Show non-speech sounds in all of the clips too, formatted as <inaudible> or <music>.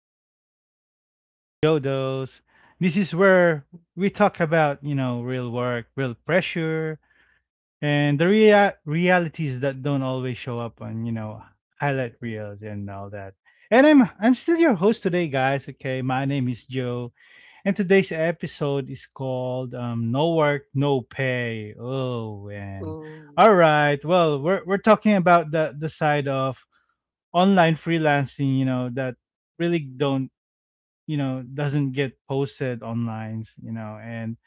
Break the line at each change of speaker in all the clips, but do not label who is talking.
again to the Daily Jodos. This is where we talk about, real work, real pressure, and the realities that don't always show up on, highlight reels and all that. And I'm still your host today, guys. Okay, my name is Joe, and today's episode is called "No Work, No Pay." Oh, man! All right. Well, we're talking about the side of online freelancing, you know, that really don't, doesn't get posted online, and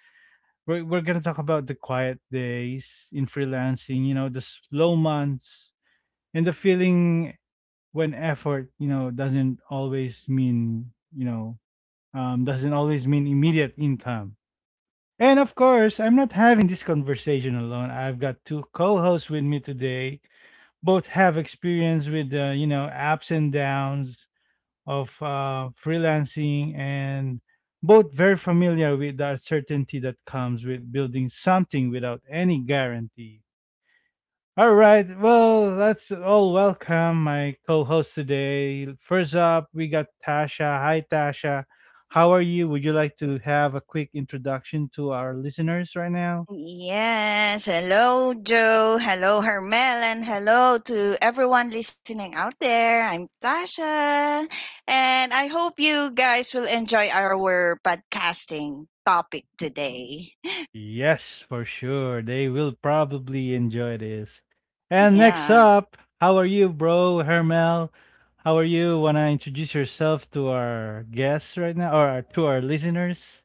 we're going to talk about the quiet days in freelancing, the slow months and the feeling when effort, doesn't always mean, you know, doesn't always mean immediate income. And of course, I'm not having this conversation alone. I've got two co-hosts with me today, both have experience with the ups and downs of freelancing, and both very familiar with the uncertainty that comes with building something without any guarantee. All right, well, let's all welcome my co host today. First up, we got Tasha. Hi, Tasha. How are you? Would you like to have a quick introduction to our listeners right now?
Yes. Hello, Joe. Hello, Hermel. And hello to everyone listening out there. I'm Tasha. And I hope you guys will enjoy our podcasting topic today. <laughs>
Yes, for sure. They will probably enjoy this. And next
Yeah.
up, how are you, bro, Hermel? How are you? Wanna introduce yourself to our guests right now, or to our listeners?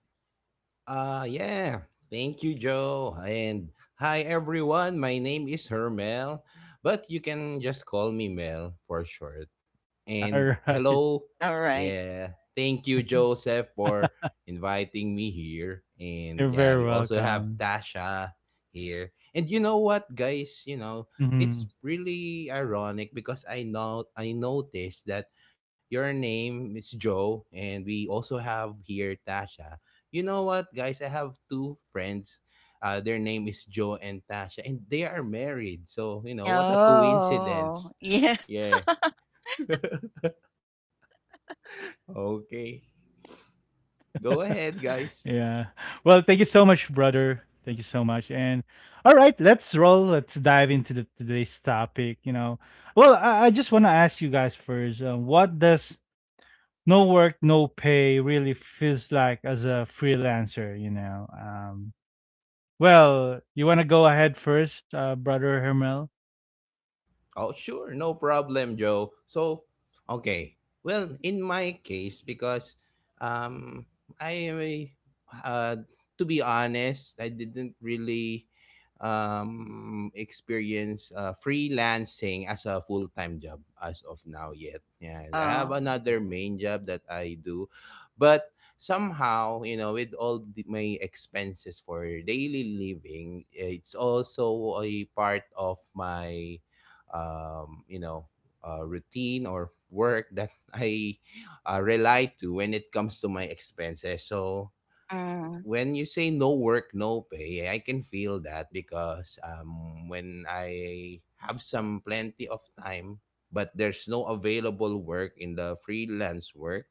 Yeah. Thank you, Joe. And hi everyone. My name is Hermel, but you can just call me Mel for short.
All
And
right,
hello.
All right.
Yeah. Thank you, Joseph,
<laughs>
for inviting me here. And
you're
yeah,
very
we also have
welcome.
Tasha here. And you know what, guys? It's
Mhm. <laughs>
really ironic because I know I noticed that your name is Joe and we also have here Tasha. You know what, guys? I have two friends. Their name is Joe and Tasha, and they are married. So, you know, what a
Oh,
coincidence.
<laughs> yeah.
Yeah. <laughs> Okay. Go
Yeah.
ahead,
Well, thank
guys.
you so much, brother. Thank you so much. And all right, let's roll. Let's dive into the today's topic. Well, I just want to ask you guys first. What does no work, no pay really feels like as a freelancer, you want to go ahead first, brother Hermel?
Oh, sure, no problem, Joe. So, okay. Well, in my case, because um, I uh, to be honest, I didn't really experience freelancing as a full-time job as of now yet. Yeah, I have
Oh.
another main job that I do, but somehow, with all my expenses for daily living, it's also a part of my um, you know routine or work that <laughs> I rely to when it comes to my expenses. So
Mm,
when you say no work, no pay, I can feel that because when I have some plenty of time, but there's no available work in the freelance work,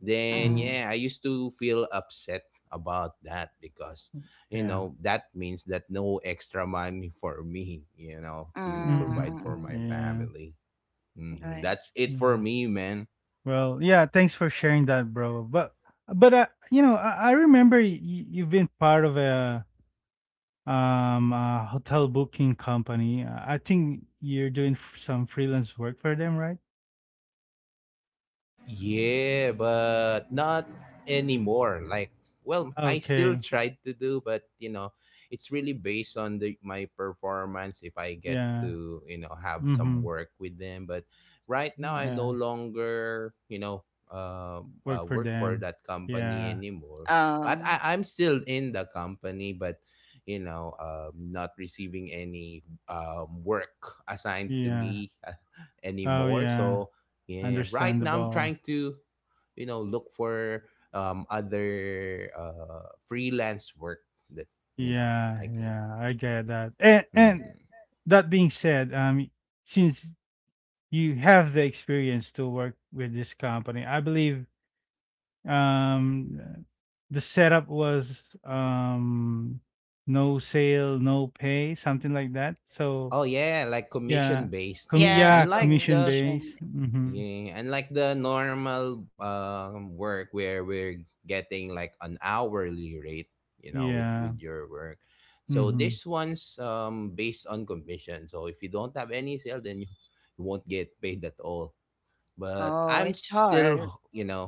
then
mm,
Hmm.
yeah, I used to feel upset about that because you
Yeah.
know that means that no extra money <laughs> for me,
mm,
to
Hmm.
provide
mm,
for my
mm.
Yeah.
family. Mhm.
Right.
That's it for
Mm.
me, man.
Well, yeah. Thanks for sharing that, bro. But I remember you've been part of a hotel booking company. I think you're doing some freelance work for them, right?
Yeah, but not anymore. Like, well, I still
Okay.
tried to do, but, it's really based on the my performance if I get
Yeah.
to, have some
Mm-hmm.
work with them. But right now I no
Yeah.
longer, uh,
Work for
work for
them.
that company
Yeah,
anymore. But
Oh.
I'm still in the company, but you know, not receiving any work assigned to
yeah.
me <laughs>
Oh,
anymore.
yeah.
So yeah, right now I'm
Understandable.
trying to, you know, look for other freelance work that, you know,
Yeah,
I can.
yeah. I get that. And
Hmm.
and that being said, since you have the experience to work with this company, I believe um the setup was no sale, no pay, something like that. So
Oh yeah, like
yeah,
commission based.
yeah,
Yes,
commission
commission.
based. Mm-hmm.
Yeah, unlike the normal work where we're getting like an hourly rate, you know, with
Yeah.
with your work. So
Mm-hmm.
this one's based on commission. So if you don't have any sale, then you won't get paid at all,
Oh,
but
it's
I'm
hard.
still, <laughs>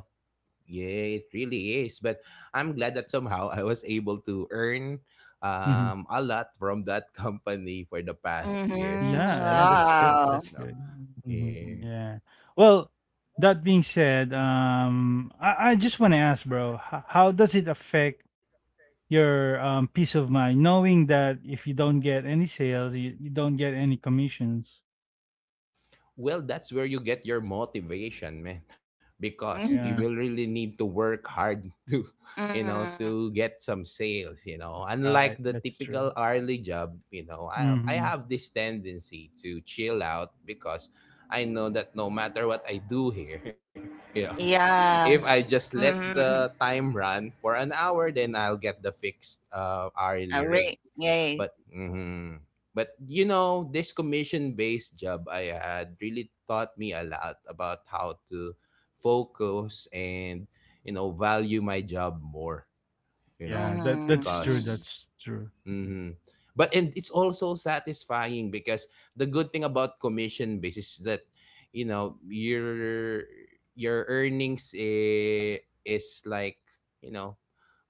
Yeah, it really is. But I'm glad that somehow I was able to
Mm-hmm.
earn a lot from that <laughs> company for the past
Yeah,
year,
yeah,
Mm-hmm.
which
that's
I
good.
used
That's
for
Wow.
good.
you know.
Mhm.
Yeah.
Yeah. Well, that being said, I just want to ask, bro, how does it affect your peace of mind knowing that if you don't get any sales, you don't get any commissions?
Well, that's where you get your motivation, man, because you
<laughs>
Yeah,
will really need to work hard <laughs> to, you know,
Mm,
to get some sales.
right.
Unlike the
That's true.
typical hourly job, I
Mm-hmm.
have this tendency to chill out because I know that no matter what I do here, <laughs> you know,
yeah.
if I just let
Mhm.
the time run for an hour, then I'll get the fixed
A
hourly
re
rate.
yay.
But mhm, but this commission based job I had really taught me a lot about how to focus and value my job more, you know,
Yeah, that's true.
Mhm.
because
That's true.
hmm But and it's also satisfying because the good thing about commission base is that you know your your earnings is like, you know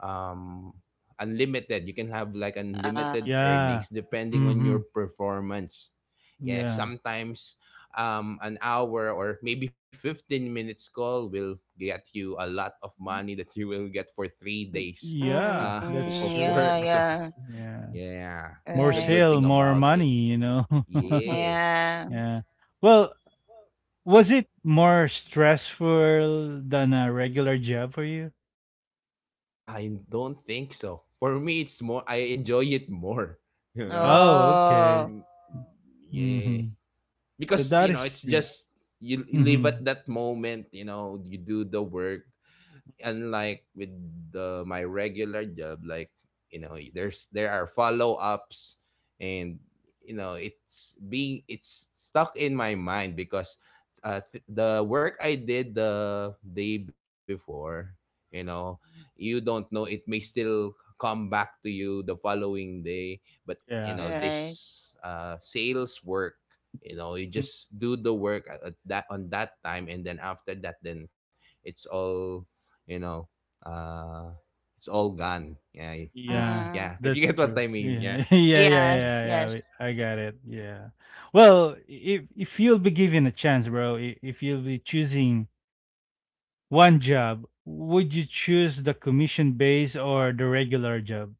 um unlimited. You can have like
Uh,
unlimited
Yeah.
earnings depending on
Mm-hmm.
your performance. Yeah,
Yeah.
sometimes an hour or maybe 15 minutes call will get you a lot of money that you will get for 3 days uh,
Yeah,
of
mm,
that's
yeah,
work. <laughs>
true.
yeah.
Yeah.
Yeah, that's the
More
good
Right.
thing
sale,
about
more
it.
money, you know? <laughs>
Yeah,
Yeah.
Yeah. Well, was it more stressful than a regular job for you?
I don't think so. For me, it's more, I enjoy it more, <laughs> you know?
Oh, okay.
Oh,
Mm. Yeah.
Mm-hmm. So
Because,
that is
it's
great.
just, you live
Mm-hmm.
at that moment, you do the work, unlike with my regular job. Like, there are follow-ups. And, it's stuck in my mind because the work I did the day before, you know you don't know it may still come back to you the following day. But,
Yeah.
right.
this sales work, you
Mm,
just do the work at that on that time, and then after that, then it's all you know uh it's all gone. Yeah.
yeah,
Mm.
Yeah. <laughs> If you get
that's
what
true.
I mean. Yeah.
Yeah. <laughs> Yeah, yeah, yeah,
Yes,
Mhm.
yes.
yeah, yeah, I got it. Yeah. Well, if you'll be given a chance, bro, if you'll be choosing one job, would you choose the commission base or the regular job?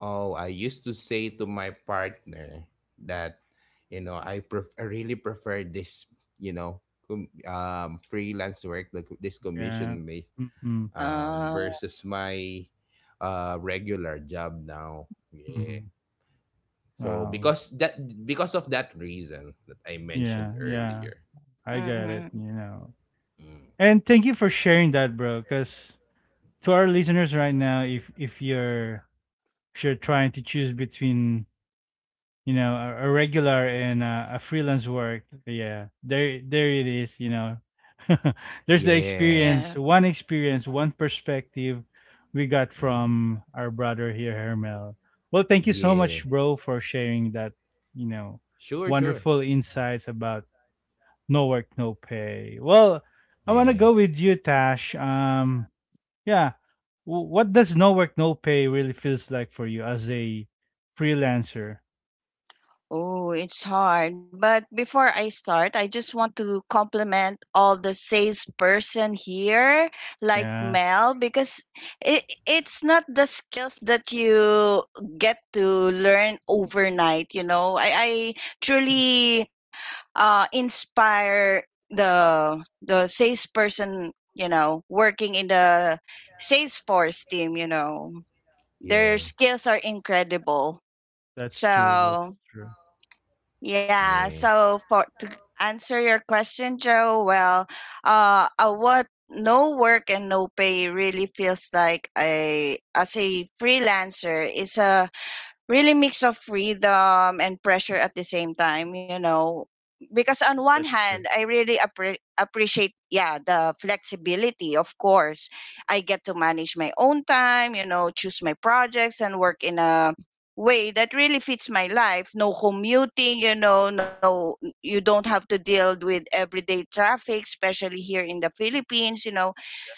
Oh, I used to say to my partner that, I I really prefer this, you know freelance work, like this commission
Yeah.
based,
Mm-hmm.
Uh,
versus my regular job now. Yeah.
Mhm.
So,
Wow.
because of that reason that I
Yeah,
mentioned
yeah.
earlier. Yeah.
I get it,
mhm.
you know.
Mm.
And thank you for sharing that, bro, cuz to our listeners right now, if you're trying to choose between, you know, a regular and a freelance work, yeah. There it is, you know. <laughs> There's the
Yeah.
Yeah.
experience, one perspective we got
Mm.
from our brother here, Hermel. Well, thank you so
Yeah.
much, bro, for sharing that, you know,
Sure, sure.
wonderful insights about no work, no pay. Well,
Yeah,
I want to go with you, Tash. Yeah. What does no work, no pay really feels like for you as a freelancer?
Oh, it's hard. But before I start, I just want to compliment all the salesperson here, like
Yeah,
Mel, because it's not the skills that you get to learn overnight. You know, I truly inspire the salesperson. You know, working in the Salesforce team. You know, their
yeah,
skills are incredible.
that's true. That's
So
true.
yeah.
yeah,
So for to answer your question, Joe, well, what no work and no pay really feels like a as a freelancer is a really mix of freedom and pressure at the same time, you know, because on one
That's
hand,
true.
I really appreciate, yeah, the flexibility, of course. I get to manage my own time, you know, choose my projects and work in a way that really fits my life. No commuting, you know, no, you don't have to deal with everyday traffic, especially here in the Philippines, you know.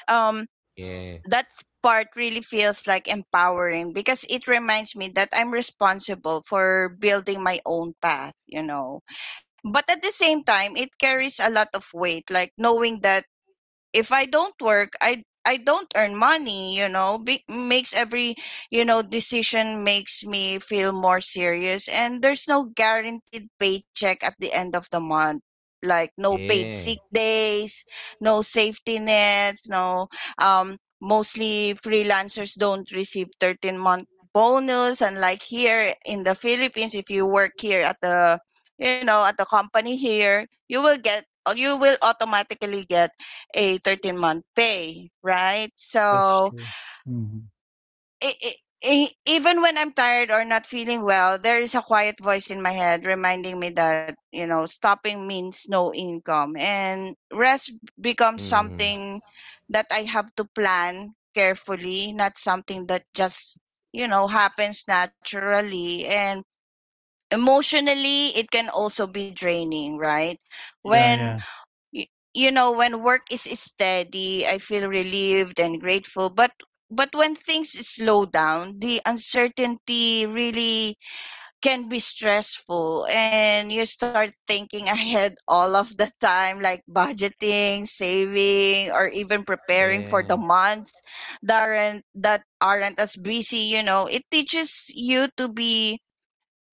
um
yeah,
that part really feels like empowering because it reminds me that I'm responsible for building my own path, you know. But at the same time, it carries a lot of weight, like knowing that if I don't work, I don't earn money, you know, be, makes every, you know, decision makes me feel more serious, and there's no guaranteed paycheck at the end of the month. Like no paid
yeah.
sick days, no safety nets, no, mostly freelancers don't receive 13-month bonus. And like here in the Philippines, if you work here at the, you know, at the company here, you will get, you will automatically get a 13-month pay, right?
That's
So
true. Hmm.
i i even when I'm tired or not feeling well, there is a quiet voice in my head reminding me that, you know, stopping means no income, and rest becomes
Mm.
something that I have to plan carefully, not something that just, you know, happens naturally. And emotionally, it can also be draining, right?
Yeah,
When
yeah.
you, you know when work is steady, I feel relieved and grateful, but when things slow down, the uncertainty really can be stressful, and you start thinking ahead all of the time, like budgeting, saving, or even preparing for the
Yeah,
months that aren't as busy, you know. It teaches you to be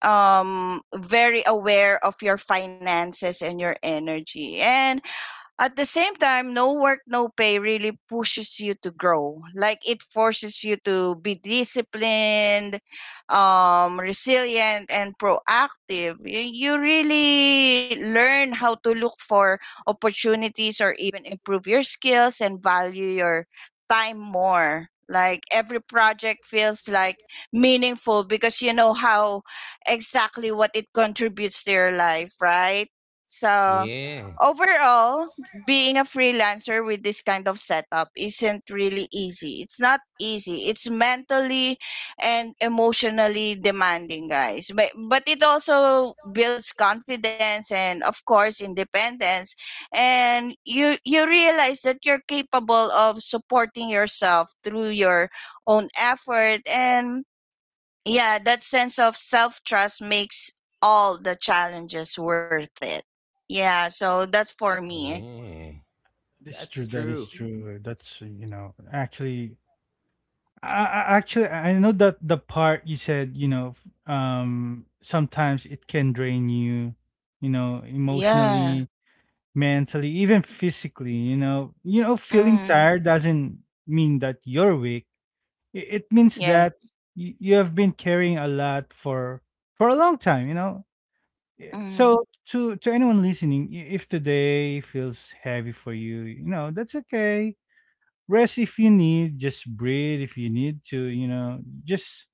very aware of your finances and your energy. And at the same time, no work, no pay really pushes you to grow. Like it forces you to be disciplined, resilient, and proactive. You really learn how to look for opportunities or even improve your skills and value your time more. Like every project feels like meaningful because you know how exactly what it contributes to your life, right? So
yeah,
overall, being a freelancer with this kind of setup isn't really easy. It's not easy. It's mentally and emotionally demanding, guys. But it also builds confidence and of course independence. And you realize that you're capable of supporting yourself through your own effort. And yeah, that sense of self-trust makes all the challenges worth it. Yeah, so that's for me.
yeah.
That is
That's
true. That
true.
is true. That's, you know, actually, actually, I know that the part you said, you know, sometimes it can drain you, you know,
Yeah.
emotionally, mentally, even physically, you know. You know, feeling
Mm.
tired doesn't mean that you're weak. It means
Yeah.
that you have been carrying a lot for a long time, you know. Yeah,
Mm.
so to anyone listening, if today feels heavy for you, you know, that's okay. Rest if you need, just breathe if you need to, you know. Just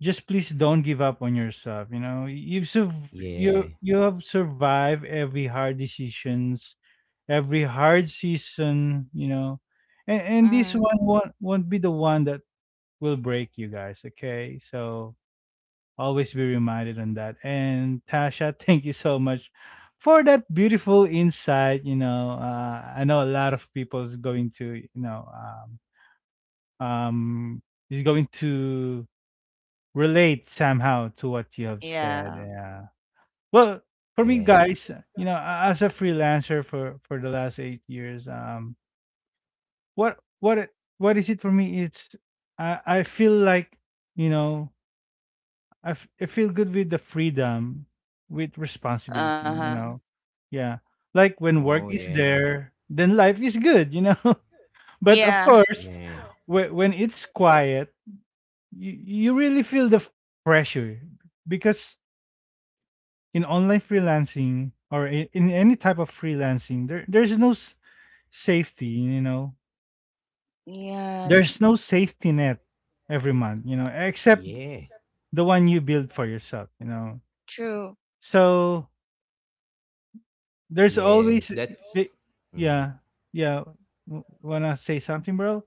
just please don't give up on yourself, you know. You've sur-
Yeah,
you you have survived every hard decisions, every hard season, you know. And this
Mm.
one won't be the one that will break you guys, okay? So always be reminded on that. And Tasha, <laughs> thank you so much for that beautiful insight. You know, I know a lot of people's going to, you know, um, um, is going to relate somehow to what you have said.
Yeah.
Yeah. Well, for me,
yeah.
guys, you know, as a freelancer for the last 8 years, what is it for me, it's I feel like, you know, I feel good with the freedom with responsibility, you
Uh-huh.
know. Yeah, like when
Oh,
work is
yeah,
there, then life is good, you know. <laughs> But of
Yeah.
course,
yeah,
when it's quiet, you, you really feel the pressure, because in online freelancing or in any type of freelancing, there's no safety, you know.
Yeah.
There's no safety net every month, you know, except
yeah,
the one you build for yourself, you know.
True.
So there's
yeah.
always
That's.
the,
Mhm.
yeah, yeah. Wanna say something, bro?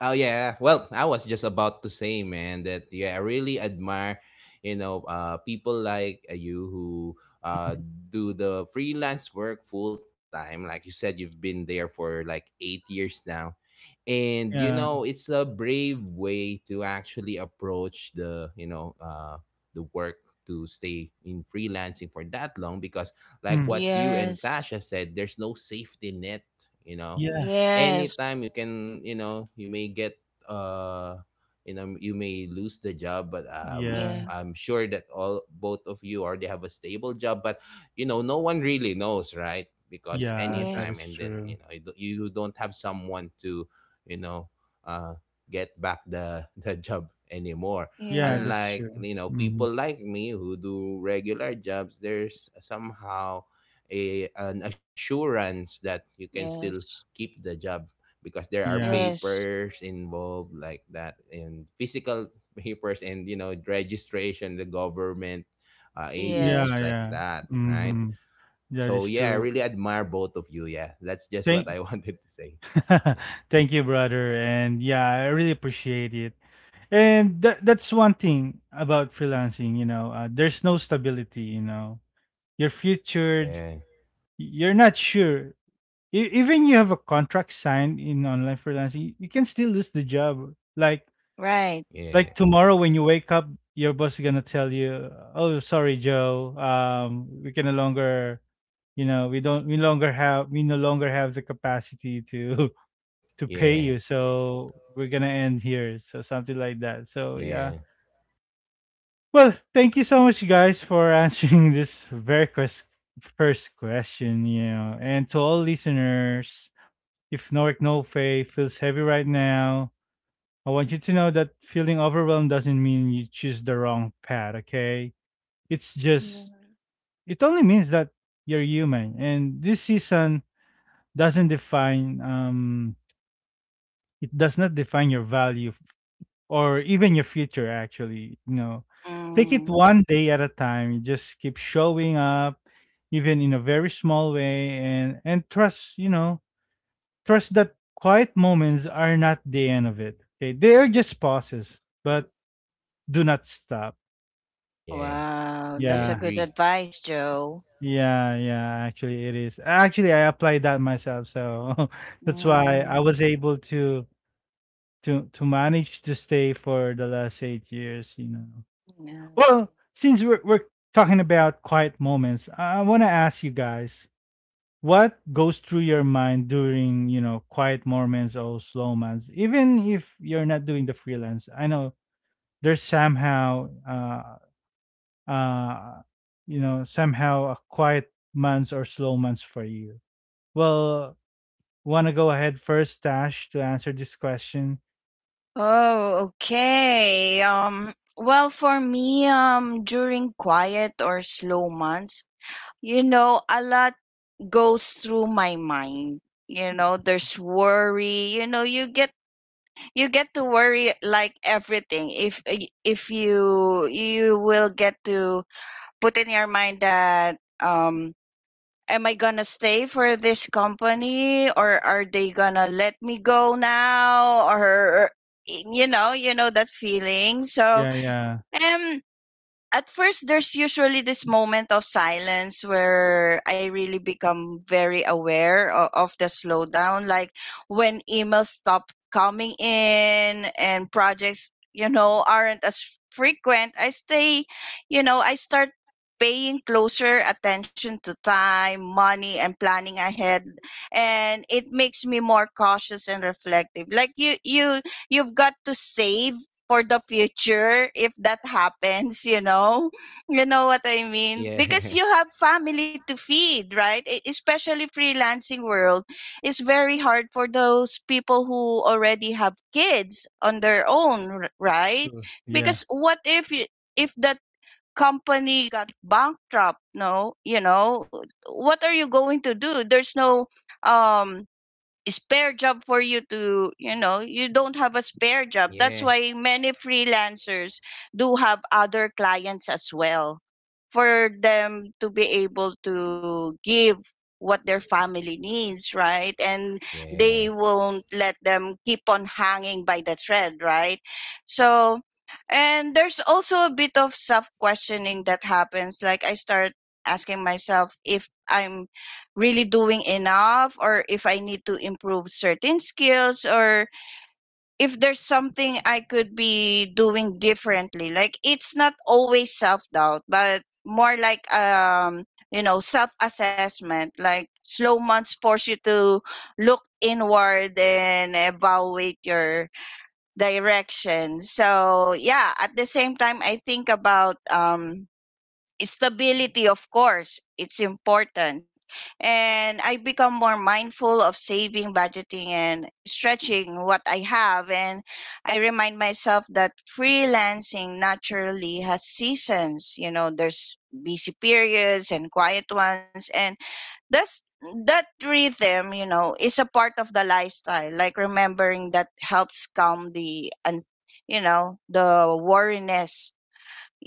Oh yeah. Well, I was just about to say, man, that yeah, I really admire, people like, you, who uh
Mhm.
do the freelance work full time. Like you said, you've been there for like 8 years now, and,
Yeah.
it's a brave way to actually approach the work, to stay in freelancing for that long because, like
Mm.
what you and
Yes.
Tasha said, there's no safety net. You know,
Yeah.
Yes.
anytime, you may get uh you know you may lose the job. But
Yeah.
Yeah.
I'm sure that all both of you already have a stable job, but, no one really knows, right? Because
Yeah,
Yes.
that
anytime,
is
and then,
true.
you don't have someone to, you know uh get back the <laughs> the job anymore.
Yeah,
Yes.
that's
Unlike,
true. Mhm.
people like me who do regular jobs, there's somehow a an assurance that you can still
Yes.
keep the job because there are
Yeah.
Yes.
papers involved like that, and physical papers, and, registration, the government
Yeah,
agencies,
Yes.
like
yeah.
that, right?
Mhm. That
So
is
yeah, I
true.
really admire both of you. Yeah, that's just what
Thank
I <laughs> wanted to say. Yeah.
<laughs> thank you, brother. And yeah, I really appreciate it. And that's one thing about freelancing, you know, there's no stability, you know. You're featured,
Yeah,
you're not sure. Even you have a contract signed in online freelancing, you can still lose the job. Like
Right.
like
yeah,
tomorrow when you wake up, your boss is gonna tell you, "Oh, sorry, Joe. We can no longer, you know, we no longer have the capacity to pay
yeah,
you, so we're gonna end here," so something like that, so yeah.
yeah,
Well, thank you so much you guys for answering <laughs> this very first question, you know. And to all listeners, if no work, no pay feels heavy right now, I want you to know that feeling overwhelmed doesn't mean you choose the wrong path, okay. It's just, it only means that you're human, and this season doesn't define it does not define your value or even your future actually, you know. Take it
Mm.
one day at a time. You just keep showing up even in a very small way, and trust, you know, trust that quiet moments are not the end of it, okay. They are just pauses, but do not stop.
yeah,
Wow.
I
That's a
Yeah,
good
agree.
advice, Joe.
yeah, yeah, actually it is, actually I applied that myself, so <laughs> that's why I
Mm.
was able to manage to stay for the last 8 years, you know.
Yeah.
Well, since we're talking about quiet moments, I want to ask you guys what goes through your mind during, you know, quiet moments or slow months, even if you're not doing the freelance. I know there's somehow, uh, you know, somehow a quiet months or slow months for you. Well, want to go ahead first, Tash, to answer this question?
Oh, okay. Well, for me, during quiet or slow months, you know, a lot goes through my mind. You know, there's worry. You know, you get to worry like everything. If you will get to put in your mind that, am I gonna stay for this company, or are they gonna let me go now, or you know, you know that feeling. So
Yeah, yeah,
um at first there's usually this moment of silence where I really become very aware of the slowdown, like when emails stop coming in and projects, you know, aren't as frequent. I stay, you know, I start paying closer attention to time, money, and planning ahead, and it makes me more cautious and reflective. Like you've got to save for the future if that happens, you know. <laughs> You know what I mean, because
Yeah.
you
<laughs>
have family to feed, right? Especially freelancing world is very hard for those people who already have kids on their own, right?
sure, yeah.
Because what if, if that company got bankrupt, no, you know, what are you going to do? There's no um spare job for you to, you know, you don't have a spare job. That's
Yeah,
why many freelancers do have other clients as well, for them to be able to give what their family needs, right? And
yeah,
they won't let them keep on hanging by the thread, right? So, and there's also a bit of self questioning that happens, like I start asking myself if I'm really doing enough, or if I need to improve certain skills, or if there's something I could be doing differently. Like it's not always self doubt, but more like, you know, self assessment. Like slow months force you to look inward and evaluate your direction. So yeah, at the same time I think about stability. Of course it's important, and I become more mindful of saving, budgeting, and stretching what I have. And I remind myself that freelancing naturally has seasons, you know, there's busy periods and quiet ones, and that's, that rhythm, you know, is a part of the lifestyle. Like remembering that helps calm the, and you know, the worriness.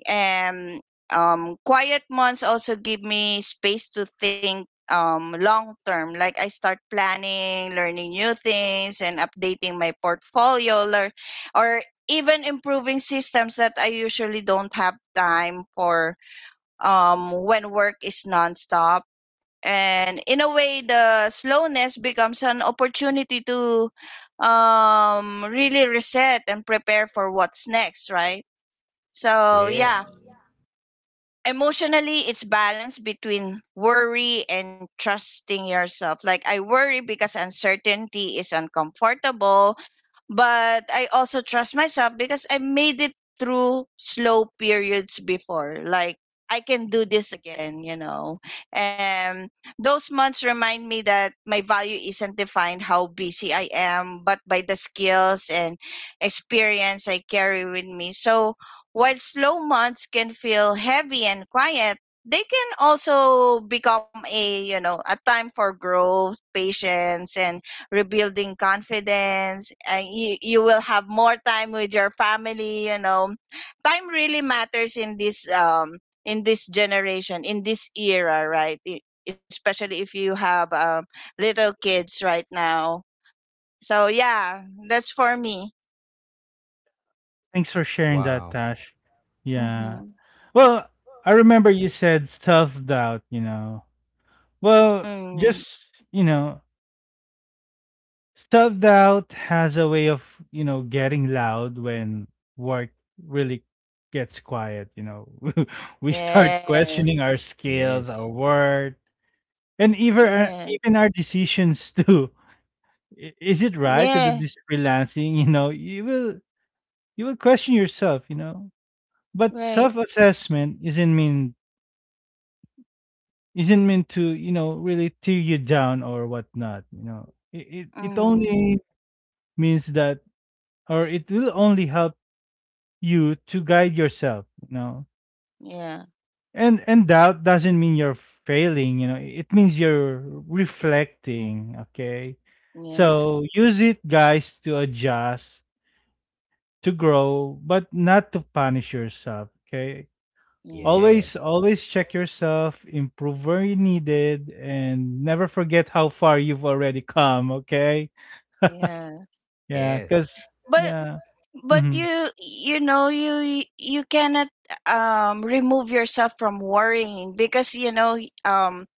And quiet months also give me space to think, long term, like I start planning, learning new things, and updating my portfolio, or even improving systems that I usually don't have time for when work is nonstop. And in a way, the slowness becomes an opportunity to really reset and prepare for what's next, right? So
yeah.
yeah, emotionally it's balance between worry and trusting yourself. Like I worry because uncertainty is uncomfortable, but I also trust myself because I made it through slow periods before. Like I can do this again, you know. Um those months remind me that my value isn't defined how busy I am, but by the skills and experience I carry with me. So while slow months can feel heavy and quiet, they can also become a, you know, a time for growth, patience, and rebuilding confidence. And you will have more time with your family, you know. Time really matters in this, in this generation, in this era, right? Especially if you have, little kids right now. So yeah, that's for me.
Thanks for sharing that,
Wow.
Tash. Yeah.
Mm-hmm.
Well, I remember you said self doubt, you know. Well,
Mm.
just, you know, self doubt has a way of, you know, getting loud when work really gets quiet, you know. <laughs> We start questioning
Yes.
our skills, our
Yes.
worth, and even our,
Yeah.
decisions <laughs> too. Is it right to do
Yeah.
this freelancing, you know? You will question yourself, you know. But
Right.
self-assessment isn't meant to, you know, really tear you down or whatnot, you know. It, it
Mm.
only means that, or it will only help you to guide yourself, you know.
Yeah.
And doubt doesn't mean you're failing, you know. It means you're reflecting, okay. So
Yes.
use it guys to adjust, to grow, but not to punish yourself, okay.
Yeah.
Yeah.
Always, always check yourself, improve where you needed, and never forget how far you've already come. Okay?
Yeah,
Yeah,
Yes.
cause
but
yeah, hmm,
you, you know, you cannot remove yourself from worrying, because, you know, um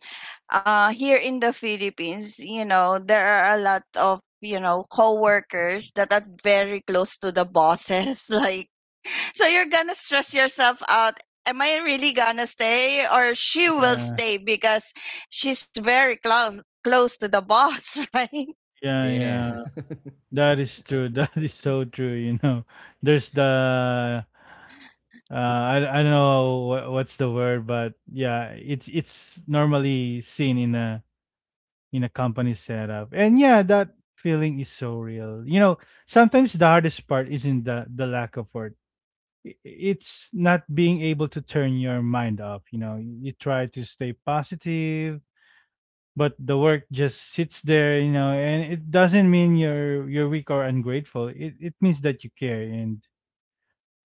here in the Philippines, you know, there are a lot of, you know, co-workers that are very close to the bosses, <laughs> like, so you're gonna stress yourself out, am I really gonna stay, or she will
yeah,
stay because she's very close to the boss, <laughs> right?
yeah,
Yeah.
yeah. That is true. <laughs> That is so true. You know, there's the I don't know what, what's the word, but yeah, it's normally seen in a company setup, and yeah, that feeling is so real. You know, sometimes the hardest part isn't the lack of work. It's not being able to turn your mind off. You know, you try to stay positive, but the work just sits there. You know, and it doesn't mean you're weak or ungrateful. It means that you care, and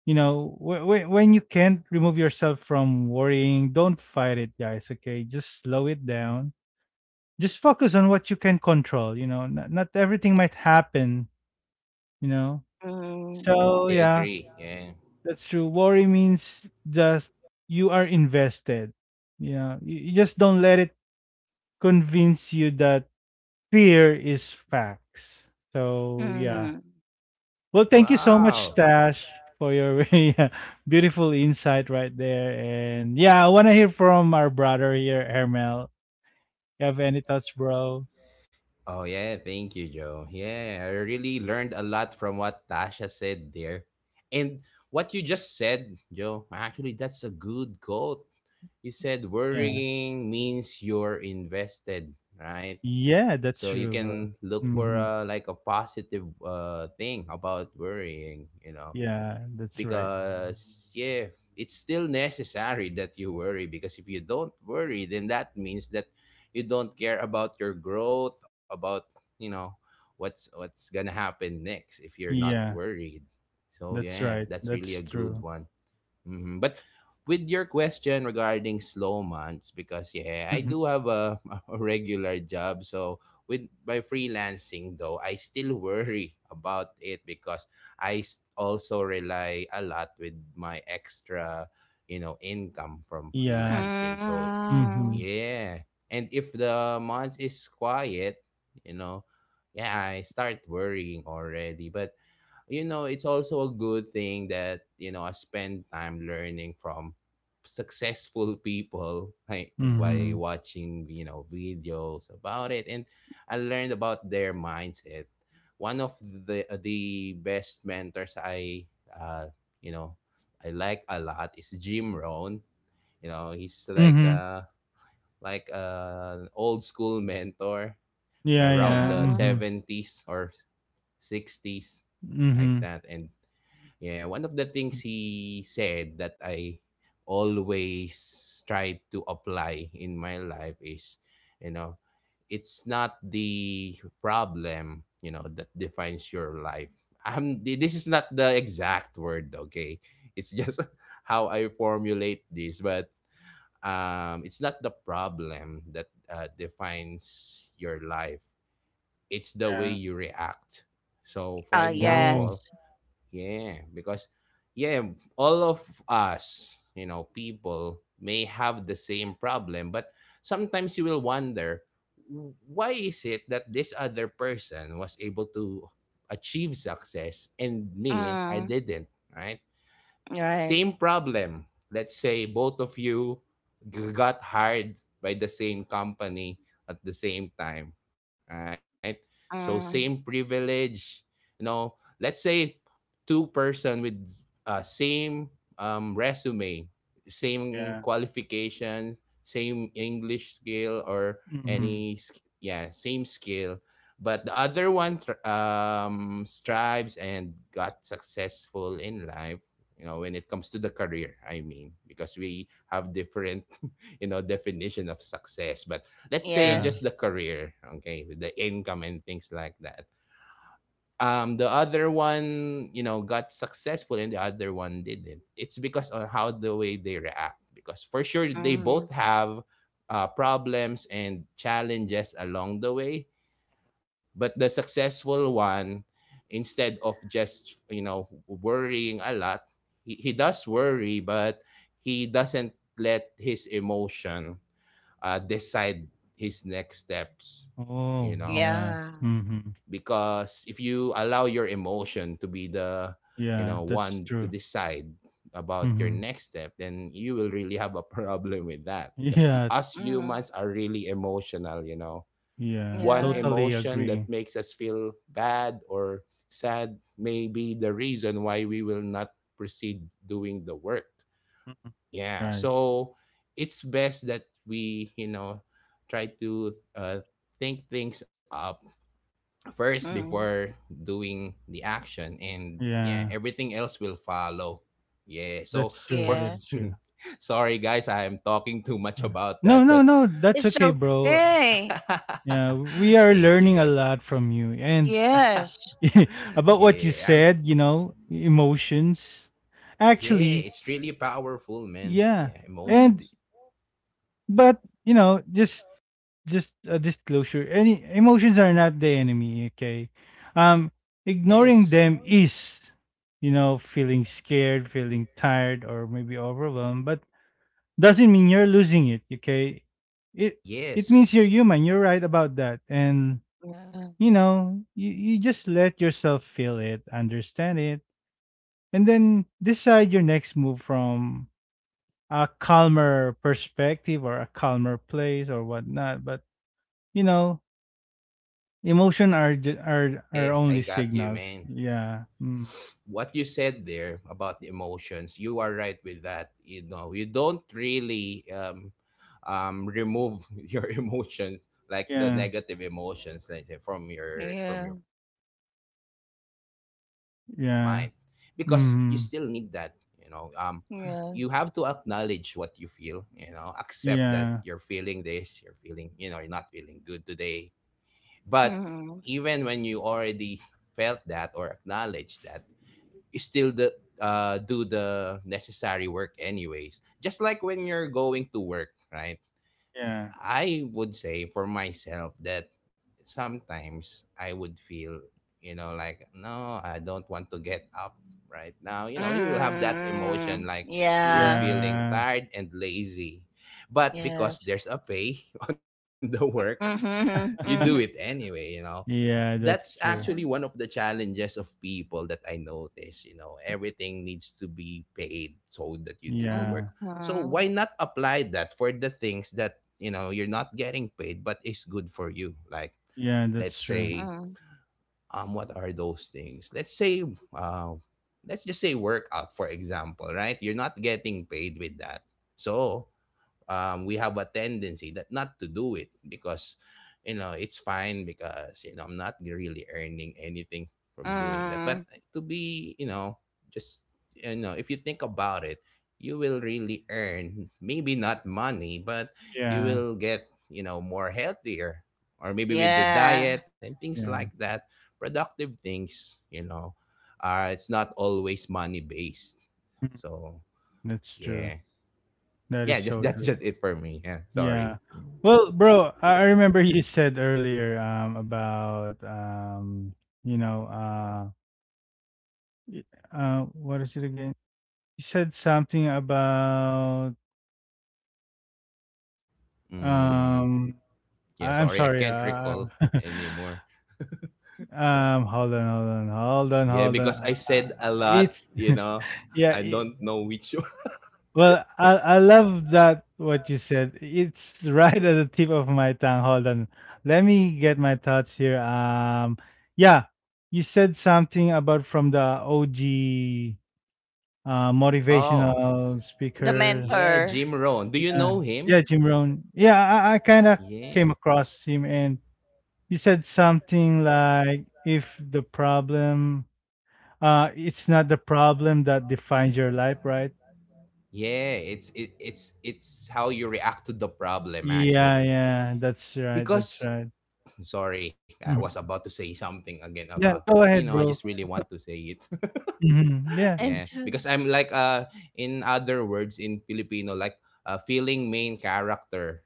you know, when you can't remove yourself from worrying, don't fight it, guys. Okay, just slow it down. Just focus on what you can control, you know. Not everything might happen, you know.
Mm,
So
<laughs> I
yeah.
agree. Yeah.
That's true. Worry means just you are invested. You know, you just don't let it convince you that fear is facts. So yeah.
mm,
Well, thank you so much,
Wow.
Tash, for your <laughs> very beautiful insight right there. And yeah, I want to hear from our brother here, Hermel. You have any thoughts, bro?
Oh yeah, thank you, Joe. Yeah, I really learned a lot from what Tasha said there. And what you just said, Joe, actually that's a good quote. You said
Yeah.
worrying means you're invested, right?
Yeah, that's
So you
true, bro.
can look for
Hmm.
like a positive thing about worrying.
Yeah, that's right.
Because yeah, it's still necessary that you worry, because if you don't worry, then that means that you don't care about your growth, about, you know what's gonna happen next if you're not
Yeah,
worried. So
that's
yeah,
right.
that's really
That's
a good
true.
one. Hmm. But with your question regarding slow months, because yeah,
<laughs>
I
Mhm.
do have a, <laughs> a regular job. So with my freelancing though, I still <laughs> worry about it because I also rely a lot with my extra, income from
Yeah.
freelancing. So
mm,
Hmm.
yeah, and if the month is quiet, you know, yeah, I start worrying already. But, it's also a good thing that, I spend time learning from successful people, like by
Mhm.
watching, videos about it. And I learned about their mindset. One of the best mentors you know, I like a lot is Jim Rohn. You know, he's like
Mhm.
uh like uh, an old school mentor
Yeah,
around
yeah.
the
mm.
Mhm.
70s or 60s, like
Mhm.
that. And yeah, one of the things he said that I always try to apply in my life is, you know, it's not the problem that defines your life. This is not the exact word, okay? It's just <laughs> how I formulate this. But it's not the problem that defines your life. It's the way
Yeah.
you react. So, for
Oh,
Oh.
example,
yes.
yeah, because yeah, all of us, people may have the same problem, but sometimes you will wonder, ""Why is it that this other person was able to achieve success and me I
Mm,
didn't, right?
right.
Same problem. Let's say both of you got hired by the same company at the same time, right? So
Mm,
same privilege. You know, let's say two-person with same resume, same
Yeah.
qualifications, same English skill or
Mhm.
yeah, same skill, but the other one strives and got successful in life, you know, when it comes to the career. I mean, because we have different <laughs> you know definition of success, but let's say
Yeah.
yes.
just the career, okay, with the income and things like that. The other one, you know, got successful and the other one didn't. It's because on how the way they react, because for sure they both
Mm,
have problems and challenges along the way. But the successful one, instead of just, you know, worrying a lot, he does worry, but he doesn't let his emotion decide his next steps, you
Oh,
know.
yeah.
yeah.
Mhm.
Because if you allow your emotion to be the, you
Yeah,
know,
that's
one to
true.
decide about your
Mhm.
next step, then you will really have a <laughs> problem with that,
<laughs>
because
Yeah,
us humans
Mm,
are really emotional, you know.
yeah.
One
yeah.
Totally
emotion that
agree.
makes us feel bad or sad may be the reason why we will not proceed doing the work.
Mhm.
Yeah.
Right.
So it's best that we, you know, try to think things up first
Mm,
before doing the action. And yeah,
Yeah.
everything else will follow. Yeah. So
That's true.
for.
That
yeah.
is
<laughs>
true.
Sorry, guys, I am talking too much
Yeah.
about
No,
that,
no,
but
no. That's
It's
okay, bro.
okay.
Yeah, we
<laughs>
are
thank you,
learning a
guys.
lot from you, and
Yes.
<laughs>
<laughs> about what you
Yeah,
said, you know, emotions.
yeah,
Actually,
it's really powerful, man.
yeah.
Yeah,
Mm,
And
emotions.
but, you know, just a disclosure. Any emotions are not the enemy, okay? Um ignoring
Yes,
them is, you know, feeling scared, feeling tired, or maybe overwhelmed, but doesn't mean you're losing it, okay? It means you're
yes,
human. You're right about that. And
yeah.
you know, you, just let yourself feel it, understand it, and then decide your next move from a calmer perspective or a calmer place or whatnot. But you know, emotion are
yeah, I
are
got you,
only
man.
signals. Yeah. Mm.
What you said there about the emotions, you are right with that. You know, you don't really remove <laughs> your emotions, like the
Yeah.
negative emotions, like from
Yeah.
your mind, because you still need that. You
Yeah.
know,
Mm.
you have to acknowledge what you
Yeah.
feel, you know, accept that you're feeling this, you're
Yeah.
feeling, you know, you're not feeling good today. But even when
Mm,
you already felt that or acknowledged that, you still the do the necessary work anyways, just like when you're going to work, right?
Yeah.
I would say for myself that sometimes I would feel, you know, like, no, I don't want to get up right now. You know, you have that
mm,
emotion like you're
yeah.
feeling
Yeah.
tired and lazy. But because
Yes.
there's a pay <laughs> on the work, you
Mm-hmm,
do it
mm-hmm,
<laughs>
anyway, you know.
Yeah,
That's
that's
actually
true.
yeah.
one of the challenges of people that I notice, you know. Everything needs to be paid so that you do the work.
Yeah.
Mm-hmm,
So why not apply that for the things that, you know, you're not getting paid but is good for you? Like,
Yeah,
let's
that's true.
say
mm,
what are those things? Let's say uh let's just say workout for example, right? You're not getting paid with that. So, we have a tendency that not to do it because, you know, it's fine because, you know, I'm not really earning anything from doing that.
mm,
But to be, you know, just, you know, if you think about it, you will really earn maybe not money, but you
Yeah.
will get, you know, more healthier, or maybe with the
yeah.
diet and things like
Yeah.
that. Productive things, you know, are it's not always money based.
Mm.
So
That's true.
yeah,
That is
yeah, <laughs> just
so
that's
true.
just it for me. Yeah, sorry.
Yeah. Well, bro, I remember you said earlier about you know y- what is it again? You said something about.
Mm,
Um,
yeah,
I'm
sorry, I
sorry,
can't recall
<laughs>
anymore.
hold on, hold on, hold on,
Yeah,
hold on.
because I said a lot,
It's
you know.
<laughs> yeah.
I don't know which one. <laughs>
Well, I love that what you said. It's <laughs> right at the tip of my tongue. Hold on, let me get my thoughts here. Yeah, you said something about from the OG
Oh,
motivational
The
speaker.
yeah,
mentor.
Jim Rohn. Do you
Yeah,
know
yeah,
him?
Jim Rohn. Yeah, I kind of came
Yeah.
across him. And you said something like, if the problem it's not the problem that defines your life, right?
Yeah, it's it, it's how you react to the problem
Yeah,
actually.
yeah, that's right, that's
Because
right.
<clears throat> sorry, I was about
Mhm.
to say something again about
Yeah,
that, but
go
you know, I
ahead,
just
bro.
really want to say it.
Mhm.
<laughs>
Yeah.
Yeah,
It's,
because I'm like in other words in Filipino like a feeling main character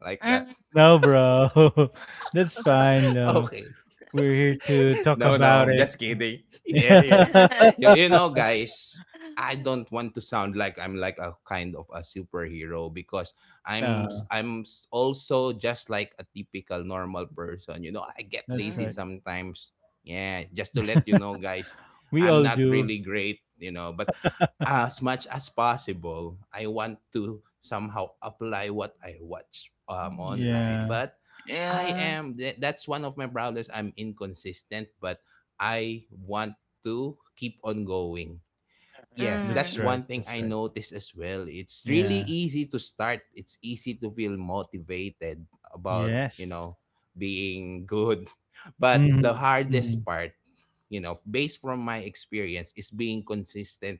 like that.
mm,
No, bro. <laughs> That's fine,
<laughs>
no.
Okay.
We're here to
<laughs>
talk
No, no,
about
I'm
it.
just kidding. <laughs> Yeah, yeah. <laughs>
<laughs>
You know, guys, I don't want to sound like I'm like a kind of a superhero because
No,
also just like a typical normal person. You know, I get
that's
lazy
right.
mm,
sometimes. Yeah, just to let you know, guys,
We
I'm
all
not
do.
really great. You know, but as much as possible, I want to somehow apply what I watch online.
Yeah,
But I
yeah.
am, that's one of my problems. I'm inconsistent, but I want to keep on going. Yeah,
that's
that's
right.
one
Mm.
thing
That's
I
right.
noticed as well. It's really
Yeah.
easy to start, it's easy to feel motivated about, you
Yes.
know, being good. <laughs> But the
Hmm. Hmm.
hardest part, you know, based from my experience, is being consistent,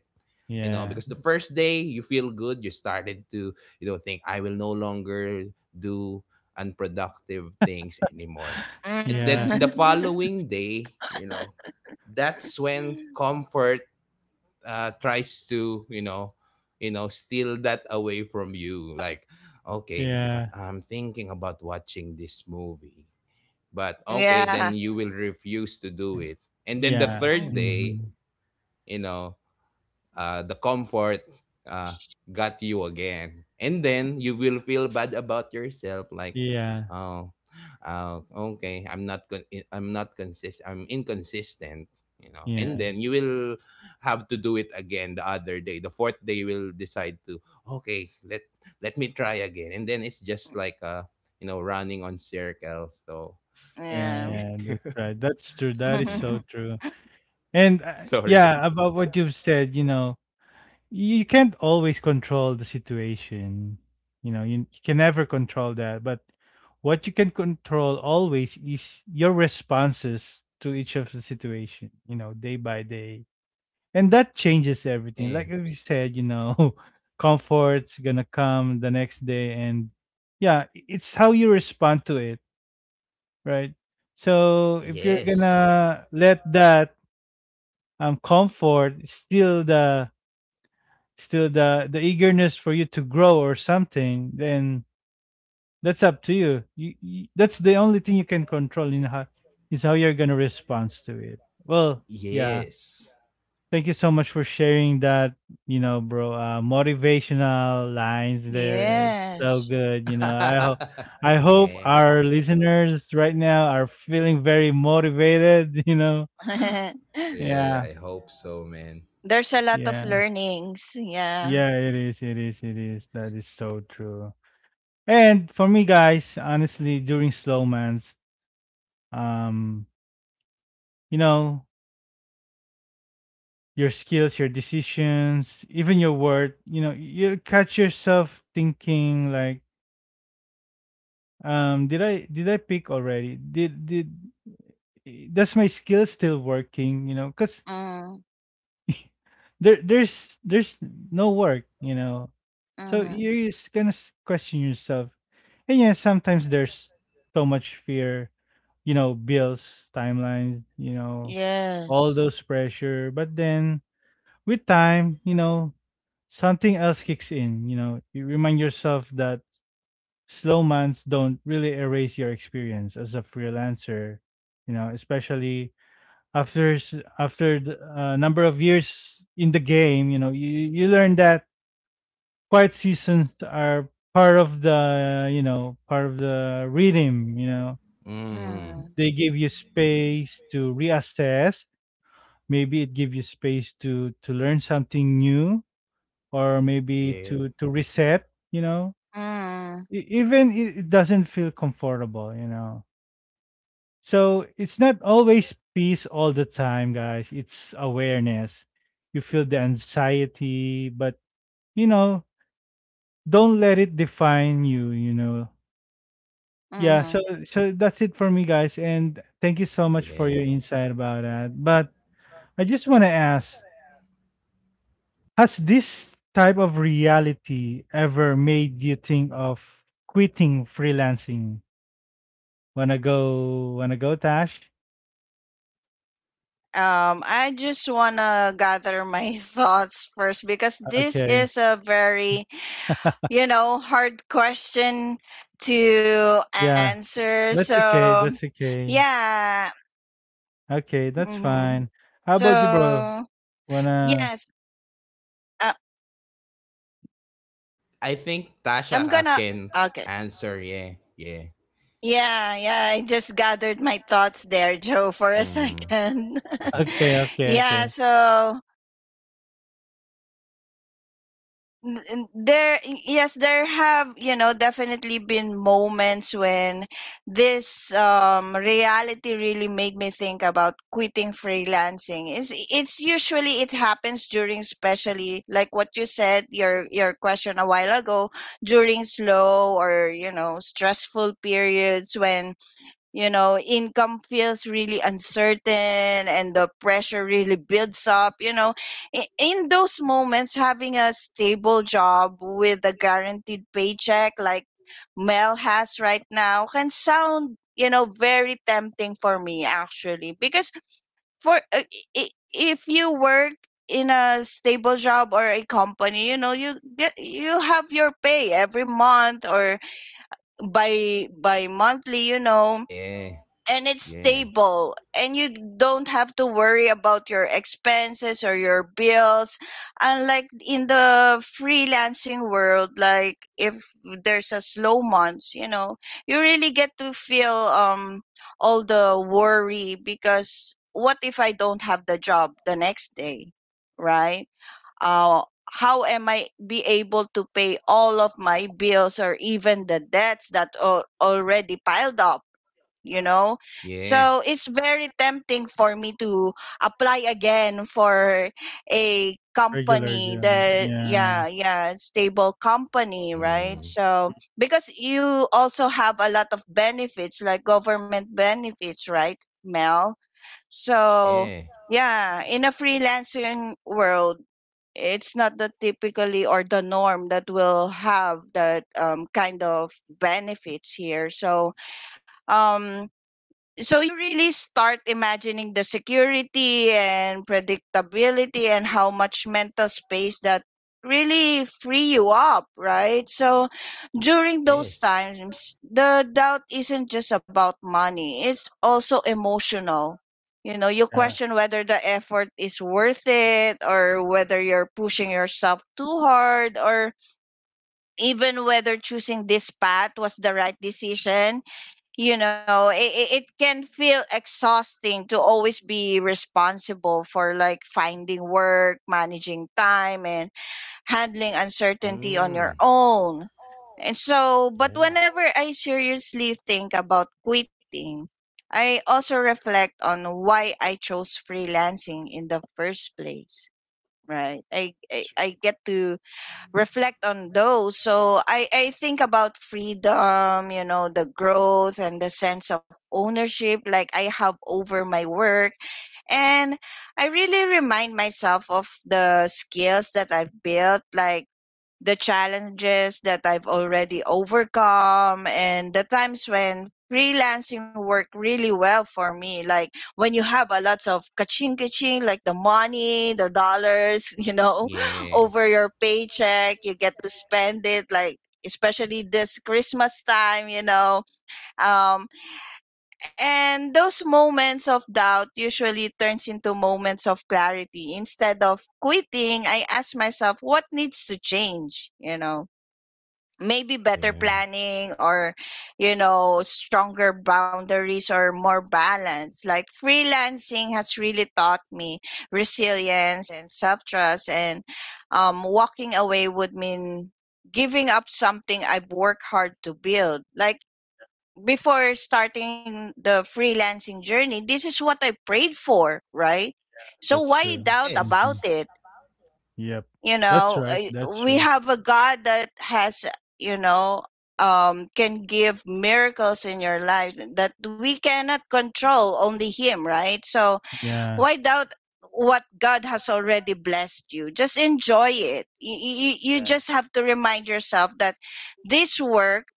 you know,
Yeah.
because the
<gasps>
first day you feel good, you started to, you know, think I will no longer do unproductive things anymore.
<laughs>
And then
Yeah.
the
Mm. <laughs>
following day, you know, that's when comfort tries to, you know, you know, steal that away from you, like, okay, but
Yeah.
I'm thinking about watching this movie. But okay,
Yeah.
then you will refuse to do
Uh,
it. And then the
yeah.
third
Mm.
day,
Mhm.
you know, the comfort uh, got you again. And then you will feel bad about yourself, like,
Yeah.
oh, uh, okay, I'm not consist, I'm inconsistent, you know. And
Yeah.
then you will have to do it again the other day. The fourth day, you will decide to, okay, let me try again. And then it's just like, you know, running on circles. So, <laughs>
Yeah.
Yeah, yeah,
yeah.
that's right. That's true. That is
Mm.
so
<laughs>
true. And
Sorry, guys.
yeah, about what you've said, you know, you can't always control the situation. You know, you, can never control that. But what you can control always is your responses to each of the situation, you know, day by day. And that changes everything.
Yeah.
Like we said, you know, <laughs> comfort's gonna come the next day and yeah, it's how you respond to it, right? So if you're
Yes.
gonna let that comfort still the eagerness for you to grow or something, then that's up to you, you, you that's the only thing you can control, in how is how you're gonna respond to it. Well, yeah.
Yes.
Thank you so much for sharing that, you know, bro. Motivational lines there. It's so
Yes.
good, you know. I hope
<laughs> Yeah,
our listeners right now are feeling very motivated, <laughs> you know.
<laughs>
yeah,
Yeah.
I hope so, man.
There's a lot
Yeah.
of learnings.
Yeah,
Yeah.
it is. It is. It is. That is so true. And for me, guys, honestly, during slow months, um, you know, your skills, your decisions, even your word, you know, you catch yourself thinking like, did I pick already? Does my skill still working? You know, cause
Mm.
<laughs> there's no work. You know, so you're
Mm-hmm.
just gonna question yourself. And yeah, sometimes there's so much fear. You know, bills, timelines. You know, all those
Yes.
pressure. But then with time, you know, something else kicks in. You know, you remind yourself that slow months don't really erase your experience as a freelancer, you know, especially after a number of years in the game. You know, you learn that quiet seasons are part of the rhythm, you know.
Mm,
They
Mm.
give you space to reassess. Maybe it gives you space to learn something new, or maybe
yeah,
to reset, you know. E-
Mm.
even it doesn't feel comfortable, you know. So it's not always peace all the time, guys. It's awareness. You feel the anxiety, but you know, don't let it define you, you know. Yeah, so
Mm-hmm.
so that's it for me, guys. And thank you so much for
yeah.
your insight about that. But I just want to ask, has this type of reality ever made you think of quitting freelancing? Wanna go, wanna go, Tash?
I just wanna gather my <laughs> thoughts first, because this
Okay.
is a very, you know, hard question to
Yeah.
answer.
That's okay.
So,
That's okay.
yeah.
Okay, that's
Mm-hmm.
fine. How about you, bro?
So
Wanna
yes, uh,
I think Tasha
I'm gonna.
can
Okay.
answer. Yeah, yeah.
Yeah, yeah. I just gathered my thoughts there, Joe, for a
Mm,
second.
<laughs> okay,
<laughs>
okay,
Yeah.
okay.
So n- n- there yes there have definitely been moments when this reality really made me think about quitting freelancing. Is it's it's usually it happens during, especially like what you said, your question a while ago, during slow or, you know, stressful periods when, you know, income feels really uncertain and the pressure really builds up, you know. In those moments, having a stable job with a guaranteed paycheck like Mel has right now can sound, you know, very tempting for me, actually, because if you work in a stable job or a company, you know, you have your pay every month, or by monthly, you know.
yeah,
And it's
yeah,
stable and you don't have to worry about your expenses or your bills, unlike in the freelancing world. Like if there's a slow month, you know, you really get to feel all the worry, because what if I don't have the job the next day, right? uh, how am I be able to pay all of my bills or even the debts that are already piled up? You
Yeah.
know,
yeah.
so it's very tempting for me to apply again for a
Regular
company
gym.
that,
Yeah.
yeah, yeah, stable company, right?
Mm,
So because you also have a lot of benefits, like government benefits, right, Mel? So
yeah,
yeah, in a freelancing world, it's not the typically or the norm that will have that kind of benefits here. So um, so you really start imagining the security and predictability and how much mental space that really free you up, right? So during those
yes.
times, the doubt isn't just about money, it's also emotional. You know, you
Yeah,
question whether the effort is worth it, or whether you're pushing yourself too hard, or even whether choosing this path was the right decision. You know, it can feel exhausting to always be responsible for like finding work, managing time, and handling uncertainty on your
Mm,
own. And so, but
yeah,
whenever I seriously think about quitting, I also reflect on why I chose freelancing in the first place. Right,
that's
I
true.
get to reflect on those. So I think about freedom, you know, the growth and the sense of ownership like I have over my work. And I really remind myself of the skills that I've built, like the challenges that I've already overcome and the times when freelancing worked really well for me. Like when you have a lots of kaching kaching, like the money, the dollars, <laughs> you know,
yeah,
over your paycheck, you get to spend it, like especially this Christmas time, you know. Um, and those moments of doubt usually turns into moments of clarity. Instead of quitting, I ask myself what needs to change, you know, maybe better
yeah.
planning or, you know, stronger boundaries or more balance. Like freelancing has really taught me resilience and self-trust, and walking away would mean giving up something I've worked hard to build. Like before starting the freelancing journey, this is what I prayed for, right? So
That's
why
true.
doubt
Hmm.
about
Yes.
it?
Yep. That's right. That's
We
true.
have a god that has, you know, can give miracles in your life that we cannot control, only him, right? So
Yeah.
why doubt what god has already blessed? You just enjoy it. You
Yeah.
just have to remind yourself that this work,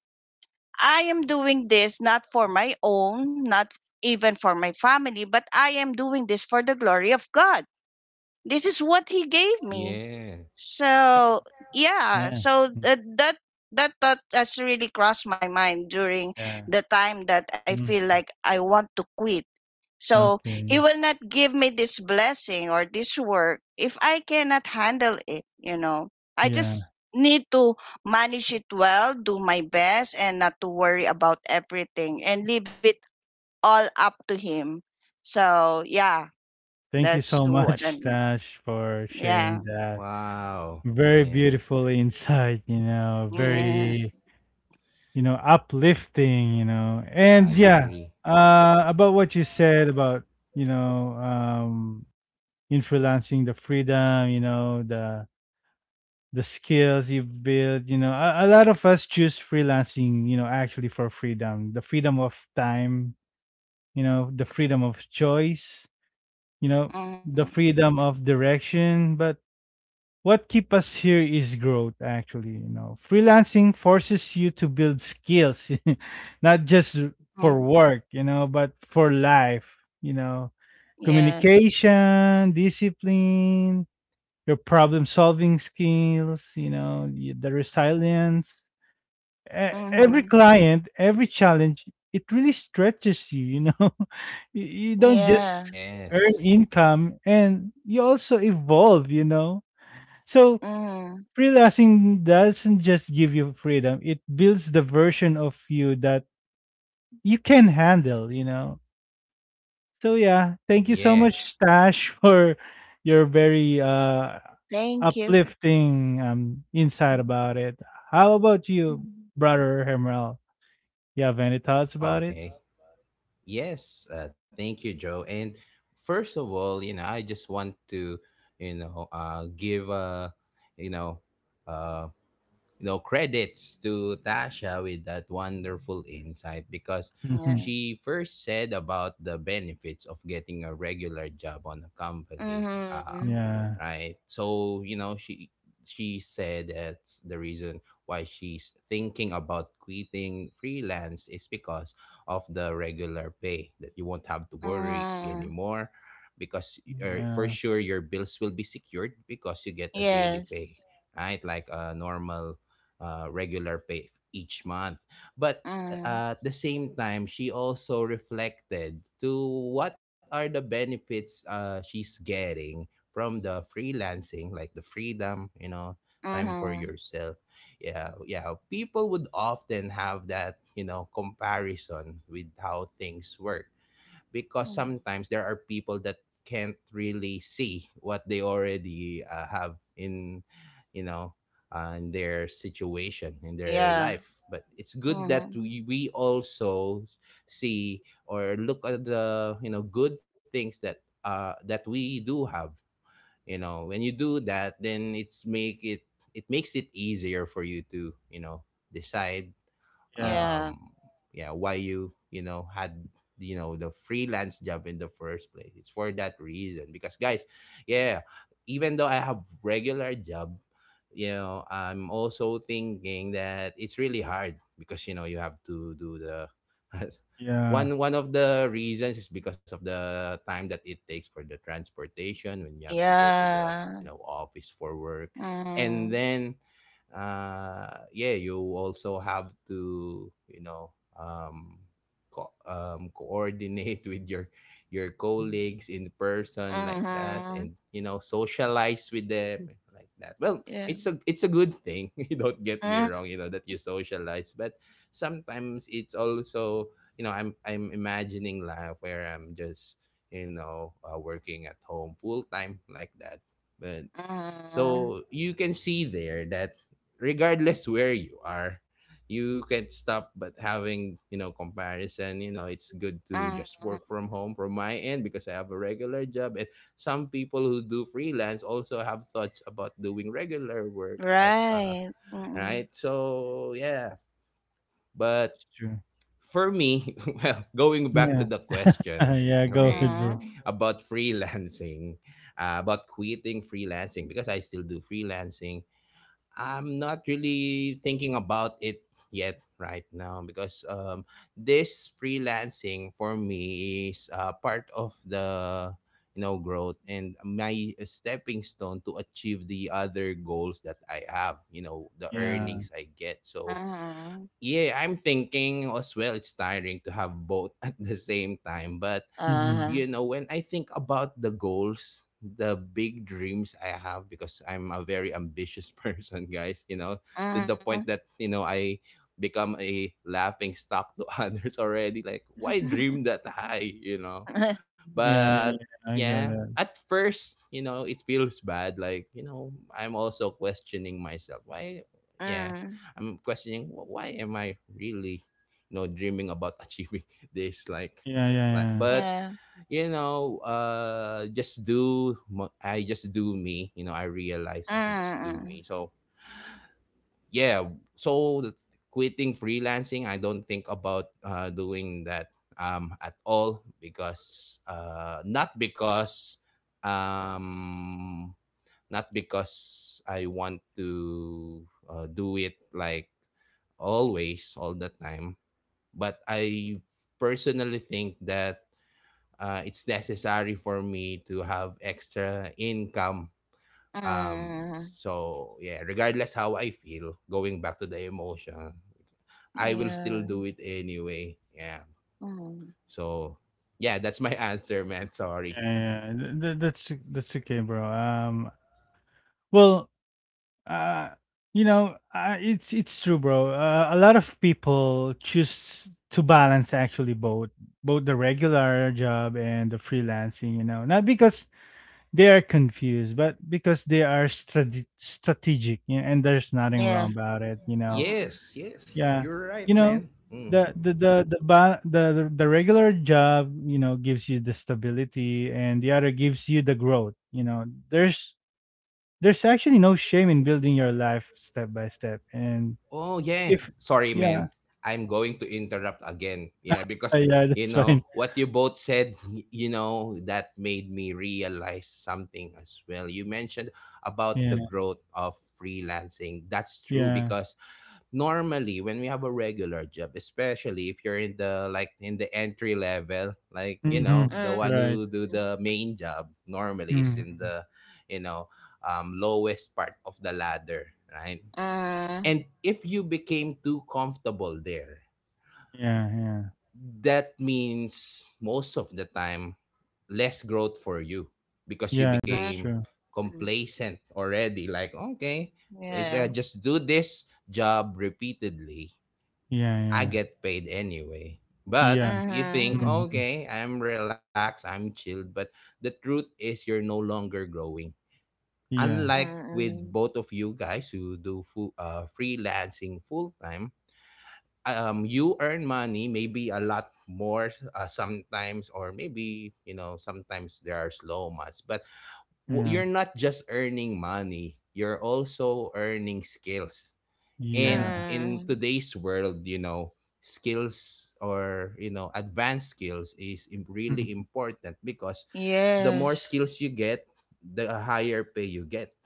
I am doing this not for my own, not even for my family, but I am doing this for the glory of god. This is what he gave me.
Yeah.
So yeah,
Yeah.
so
Mm.
that thought has really crossed my mind during
Yeah.
the time that I feel
Mm.
like I want to quit. So
Okay.
he will not give me this blessing or this work if I cannot handle it, you know. I
Yeah.
just need to manage it well, do my best, and not to worry about everything, and leave it all up to him. So yeah,
Thank you
that's
so <laughs>
what.
much,
And
Tash, for
yeah.
sharing that.
Wow.
Very
Yeah.
beautiful insight, you know,
Yeah.
very
Yes.
you know, uplifting, you know.
<laughs>
And
Mm-hmm.
I
yeah,
agree.
about what you said about, you know, influencing the freedom, you know, the skills you've built, you know. A lot of us choose freelancing, you know, actually for freedom, the freedom of time, you know, the freedom of choice, you know, the freedom of direction, but what keep us here is growth actually, you know. Freelancing forces you to build skills, <laughs> not just
mm
for work, you know, but for life, you know.
Yes.
Communication, discipline, your problem solving skills, you know, the resilience. E-
Mm-hmm.
every client, every challenge, it really stretches you, you know. <laughs> You don't
Yeah.
just earn
Yes.
income, and you also evolve, you know. So
Mm-hmm.
freelancing doesn't just give you freedom, it builds the version of you that you can handle, you know. So yeah, thank you so
Yeah.
much, stash, <laughs> for your very
Thank you.
uplifting insight about it. How about you, brother Hemrel? You have any thoughts about it? <laughs>
Okay. Yes. Thank you, Joe. And first of all, you know, I just want to, you know, give a, you know, uh, you know, credits to Tasha with that wonderful insight because
Yeah.
Mhm.
she first said about the benefits of getting a regular job on a company.
Mm-hmm.
um
yeah,
right, so you know, she said that the reason why she's thinking about quitting freelance is because of the regular pay that you won't have to worry
Mm-hmm.
anymore because for
yeah,
sure your bills will be secured because you get a daily pay,
Yes.
right? Like a normal regular pay each month. But
Mm-hmm.
at the same time, she also reflected to what are the benefits she's getting from the freelancing, like the freedom, you know, time for
Mm-hmm.
yourself. Yeah, yeah. People would often have that, you know, comparison with how things work because sometimes there are people that can't really see what they already have in, you know, in their situation in their
Yeah.
life. But it's good that
Mm-hmm.
we also see or look at the, you know, good things that that we do have. You know, when you do that, then it's make it, it makes it easier for you to, you know, decide
yeah,
Yeah.
um yeah why you, you know, had, you know, the freelance job in the first place. It's for that reason, because guys, yeah, even though I have regular job, you know, I'm also thinking that it's really hard because, you know, you have to do the <laughs>
yeah,
one of the reasons is because of the time that it takes for the transportation when you have to go to the,
Yeah.
you know, office for work. And
Mm-hmm.
then yeah, you also have to, you know, um, coordinate <laughs> with your colleagues in person like that,
Mm-hmm.
and you know, socialize with them like that. Well,
Yeah.
it's a, it's a good thing <laughs> you don't get me wrong, you know, that you socialize, but sometimes it's also, you know, I'm imagining life where I'm just, you know, working at home full time like that. But
Mm-hmm.
so you can see there that regardless where you are, you can't stop but having, you know, comparison. You know, it's good to just
Mm-hmm.
work from home from my end because I have a regular job. And some people who do freelance also have thoughts about doing regular work, like
Right. Mm-hmm.
right? So yeah. But
it's true.
for me, <laughs> well, going back
Yeah.
to the
<laughs>
question,
yeah, go
okay,
ahead, bro.
Mm-hmm.
about <laughs> freelancing, about quitting freelancing, because I still do freelancing, I'm not really thinking about it yet right now because this freelancing for me is part of the, you know, growth and my stepping stone to achieve the other goals that I have. You know, the
Yeah.
earnings I get. So
Uh-huh.
yeah, I'm thinking as well. It's tiring to have both <laughs> at the same time, but
Hmm.
you know, when I think about the goals, the big dreams I have, because I'm a very ambitious <laughs> person, guys, you know, to the
Uh-huh.
point that, you know, I become a laughing stock to <laughs> others already. Like, why dream that high, you know?
<laughs>
Yeah, yeah,
But
yeah, I
yeah,
get it.
at first, you know, it feels bad. Like, you know, I'm also questioning myself. Why, yeah,
Mm.
I'm questioning "Wh- why am I really, you know, dreaming about <laughs> achieving this?
Yeah, yeah,
Like,
yeah.
but
Yeah.
you know, just do, I just do me. You know, I realize I just do me.
Mm,
So, yeah. So, quitting freelancing, I don't think about doing that at all because, not because, um, not because I want to do it like always, all the time. But I personally think that it's necessary for me to have extra income.
mm, mm.
So yeah, regardless how I feel, going back to the emotion, I will still
Yeah.
do it anyway. Yeah.
Mm.
So yeah, that's my <laughs> answer, man. Sorry.
Yeah, yeah, th th that's okay, bro. Well, uh, you know, it's true, bro. A lot of people choose to balance actually both the regular job and the freelancing. You know, not because they are confused, but because they are strategic. You know, and there's nothing wrong
Yeah.
about it. You know,
Mm.
Yes, yes,
yeah.
you're
You
right,
know,
man. Mm.
the ba- the regular job, you know, gives you the stability, and the other gives you the growth. You know, there's actually no shame in building your life step by step. And
Oh yeah.
if
Sorry,
yeah,
man. I'm going to interrupt again. Yeah, because
yeah, <laughs>
you
that's fine.
know what you both said, you know, that made me realize something as well. You mentioned about the
Yeah,
growth of freelancing. That's true
yeah.
because normally when we have a regular job, especially if you're in the like in the entry level, like you
Mm-hmm.
know, the
Mm.
one
Right.
who do
Mm.
the main job normally is in
Mm-hmm.
the, you know, lowest part of the ladder, right? And if you became too comfortable there,
Yeah, yeah.
that means most of the time less growth for you because you
Yeah, that's
became
true.
Mm.
complacent already. Like, okay, if I
Yeah.
just do this job repeatedly,
Yeah,
I
yeah.
get paid anyway. But
Yeah.
you think,
Mhm.
Mm-hmm.
okay, I'm relaxed, I'm chilled. But the truth is, you're no longer growing.
Yeah.
Unlike with
Mm.
both of you guys who do full, freelancing full time, you earn money maybe a lot more sometimes, or maybe you know sometimes there are slow months, but
Yeah.
you're not just earning money, you're also earning skills. And
Yeah.
in
Mm.
today's world, you know, skills or you know advanced skills is really
Hmm.
important because the more
Yes.
skills you get, the higher pay you get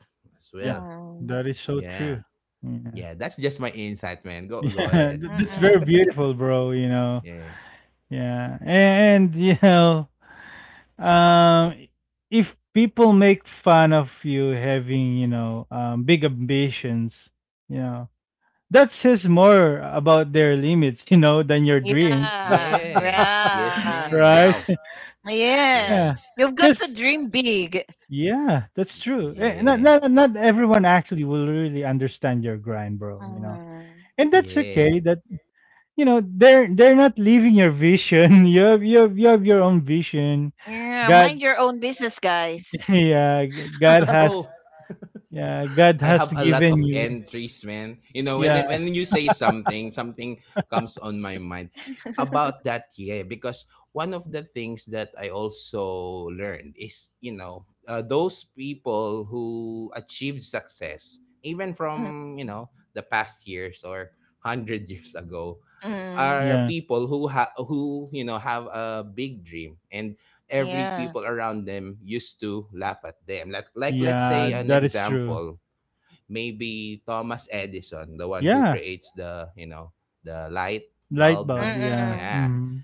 as
Yeah.
well.
Mm.
That is so true.
Yeah,
Yeah.
yeah, that's just my insight, man.
<laughs>
Go, go
Yeah,
ahead.
that's very
Mm.
beautiful, bro, you
<laughs>
know.
Yeah.
Yeah. And <laughs> you know, um if people make fun of you having, you know, big ambitions, you know, that says more about their limits, <laughs> you know, than your dreams.
Yeah.
Yeah. Yes,
Yeah.
<laughs>
man.
Right?
Wow.
<laughs> Yeah.
Yeah.
Yes. You've got to
Cuz
dream big.
yeah, that's true. Eh,
Yeah.
not everyone actually will really understand your grind, bro, you know.
Mm.
And that's okay.
Yeah.
That you know, they're not living your vision. <laughs> You have you have your own vision.
Yeah.
God.
Mind your own business, guys.
<laughs> Yeah,
Oh,
God
I have
has
a lot
given
of
you
entries, man. You know,
yeah,
when you say something, something comes on my mind about that. Yeah, because one of the things that I also learned is, you know, those people who achieved success, even from, you know, the past years or hundred <laughs> years ago,
Mm.
are
yeah,
people who who, you know, have a big dream. And every
Yeah.
people around them used to laugh at them, like let's
yeah,
say an
that
Mm.
is true.
example, maybe Thomas Edison, the one who
Yeah,
creates the, you know, the light
light
bulb,
bulb,
like,
yeah.
yeah.
Mm.
Mm-hmm.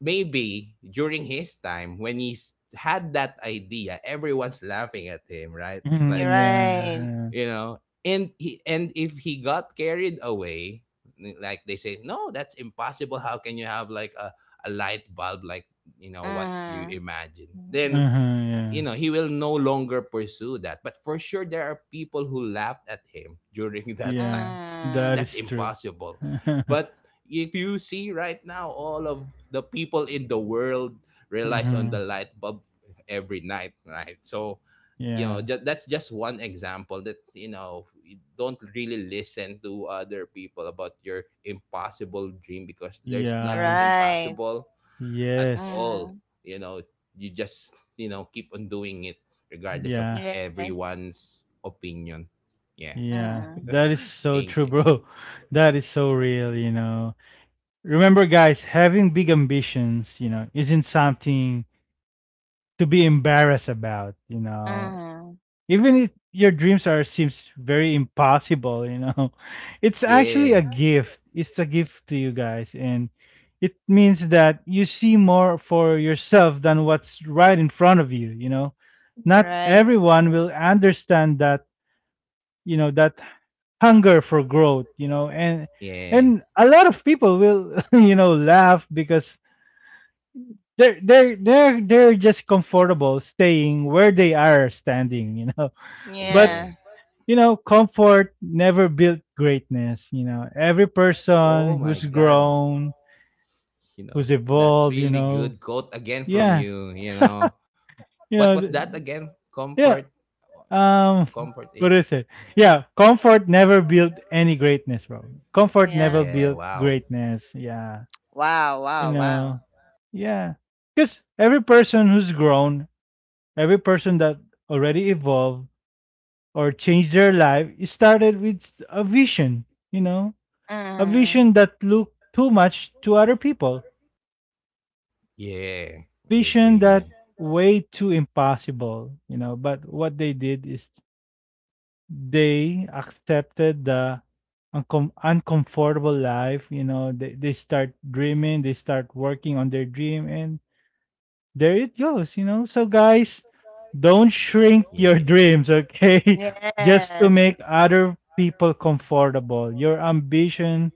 Maybe during his time, when he had that idea, everyone's laughing at him, right? Like,
<laughs>
You're
Yeah,
right.
yeah.
you know, and he, and if he got carried away, like they say, no, that's impossible. How can you have like a light bulb like, you know, what you
Mm.
imagine? Then,
Uh-huh, yeah.
you know, he will no longer pursue that. But for sure, there are people who laughed at him during <laughs> that
Yeah,
time because
that
that's
Mm.
is true.
impossible.
<laughs>
But if you see right now, all of the people in the world relies on the
Uh-huh.
light bulb every night, right? So, you know,
Yeah,
that's just one example that, you know, you don't really listen to other people about your impossible dream because there's nothing
yeah,
Right.
impossible at
yes,
all.
Mm.
You know, you just, you know, keep on doing it regardless of
yeah.
Yes.
everyone's opinion. Yeah.
Yeah,
Mm.
that is
<laughs>
so
Thank
true,
you.
bro. <laughs> That is so real, you know. Remember, guys, having big ambitions, you know, isn't something to be embarrassed about, you know.
Mm.
Even if your dreams are seems very impossible, you know, <laughs> it's actually a
Yeah.
gift. It's a gift to you, guys, and it means that you see more for yourself than what's right in front of you, you know. Not
Right.
everyone will understand that, you know, that hunger for growth, you know. and
Yeah.
and a lot of people will <laughs> laugh because they're just comfortable staying where they are standing, you know. <laughs> But
Yeah.
Yeah.
you know, comfort never built greatness. You know, every person
Oh
who's
my God.
grown,
You
who's
know, that's
evolved, you
really
know.
good quote again from
Yeah.
you. You know, what
you
was
know
that
th-
again? Comfort.
yeah. um
Comfort
<laughs> what
is.
is it? Yeah, comfort never built any greatness, bro. Comfort never
Yeah.
Yeah.
built
Wow.
greatness. Yeah.
Wow.
You
Wow.
know?
Wow.
Yeah. Because every person who's grown, every person that already evolved or changed their life, it started with a vision, you know, a vision
Mm.
that looked too much to other people, like
Yeah.
a
I
vision
agree,
that
man.
way too impossible, you know. But what they did is they accepted the uncomfortable life, you know. They start dreaming, they start working on their dream, and there it goes, you know. So guys, don't shrink your
Yeah.
dreams, okay? <laughs> Just to
Yes.
make other people comfortable. Your ambition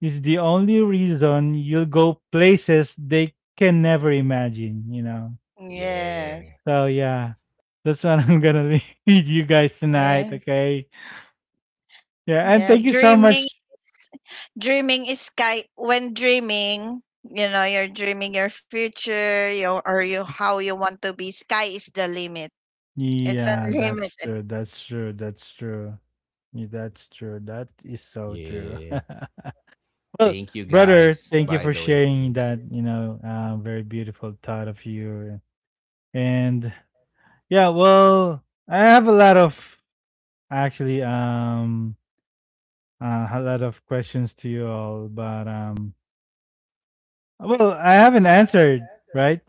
is the only reason you'll go places they can never imagine, you know.
Yeah.
Yes.
So yeah, that's what I'm gonna <laughs> lead you guys tonight,
Yeah.
okay? Yeah, and
Yeah.
thank you so
Dreaming
much.
is- dreaming is sky. When dreaming, you know, you're dreaming your future, you, or you how you want to be. Sky is the limit. It's
Yeah, that's
unlimited.
true. That's true. That's true. Yeah, that's true. That is so true.
Yeah.
<laughs> Well,
Thank you
brother,
guys,
thank you
by
for
the way.
sharing
Mhm.
that, you know, very beautiful thought of you. And yeah, well, I have a lot of actually a lot of questions to you all, but well, I haven't answered, right?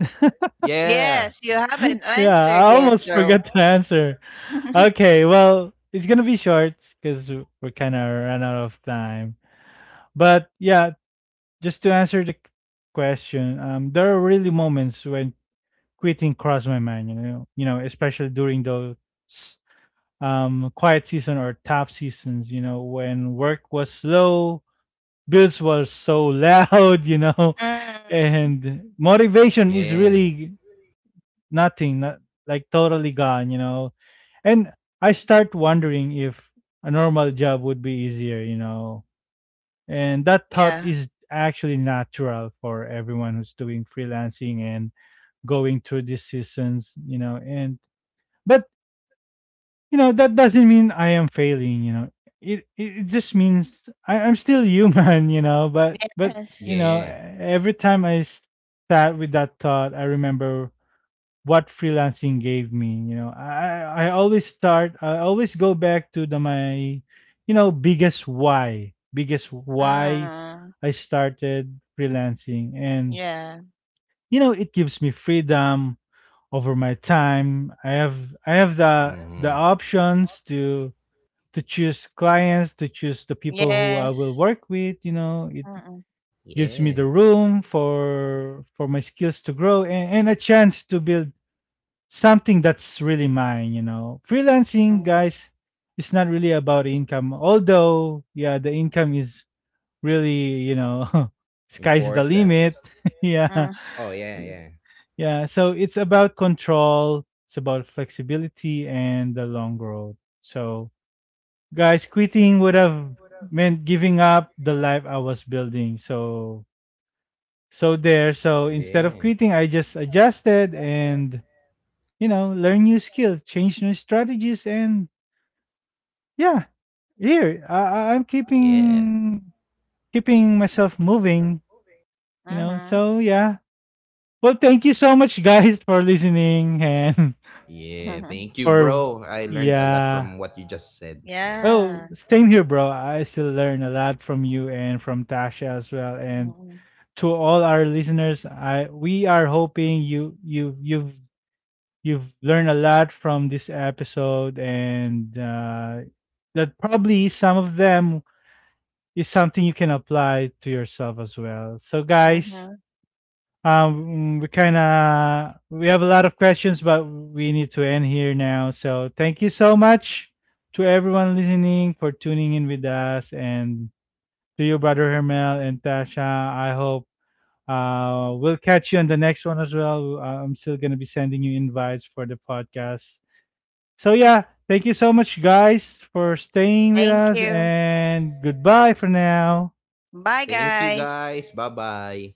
Yes,
Yeah.
you haven't
<laughs> Yeah,
answered
I
yet,
almost
though.
forgot to answer.
<laughs>
Okay, well, it's going to be short cuz we're kind of run out of time. But yeah, just to answer the question, there are really moments when quitting crossed my mind. You know, especially during those quiet season or tough seasons. You know, when work was slow, bills were so <laughs> loud. You know,
Mm,
and motivation is
Yeah.
really nothing, not like totally gone. You know, and I start wondering if a normal job would be easier. You know, and that thought
yeah.
is actually natural for everyone who's doing freelancing and going through these seasons. You know, and but you know that doesn't mean I am failing, you know. It just means I'm still human. <laughs> You know, but you
Yes.
know,
Yeah.
every time sat with that thought, I remember what freelancing gave me, you know. I always start, I always go back to the my, you know, biggest why. Biggest why
Mm.
I started freelancing. And
Yeah.
you know, it gives me freedom over my time. I have, I have the
Hmm.
options to choose clients, to choose the people who I will
Yes.
work with. You know, it
Mm.
gives me
Yeah.
the room for my skills to grow, and a chance to build something that's really mine. You know, freelancing,
Mm.
guys, it's not really about income. Although, yeah, the income is really, you know, <laughs> sky's the
Important.
limit. <laughs> Yeah,
Mm.
Oh, yeah, yeah.
yeah. So it's about control. It's about flexibility and the long road. So guys, quitting would have meant giving up the life I was building. So, so there. So instead of
Yeah.
quitting, I just adjusted and, you know, learn new skills, change new strategies, and yeah, here I, I'm
Yeah.
keeping, keeping myself moving. You know,
Mm-hmm.
so yeah. Well, thank you so much, guys, for listening and
Yeah. Thank you,
<laughs>
<laughs> for
bro. I learned a lot from
yeah.
what you just said. Yeah.
Oh,
Yeah.
same here, bro. I still learn a lot from you and from Tasha as well. And to all our listeners, I we are hoping you've learned a lot from this episode, and that probably some of them is something you can apply to yourself as well. So guys,
Mm-hmm.
we kind of we have a lot of questions, but we need to end here now. So, thank you so much to everyone listening for tuning in with us, and to you, brother Hermel and Tasha. I hope we'll catch you on the next one as well. I'm still going to be sending you invites for the podcast. So, yeah, thank you so much, guys, for staying with
Thank
us,
you.
and goodbye for now.
Bye,
Thank you
guys.
guys. Bye bye.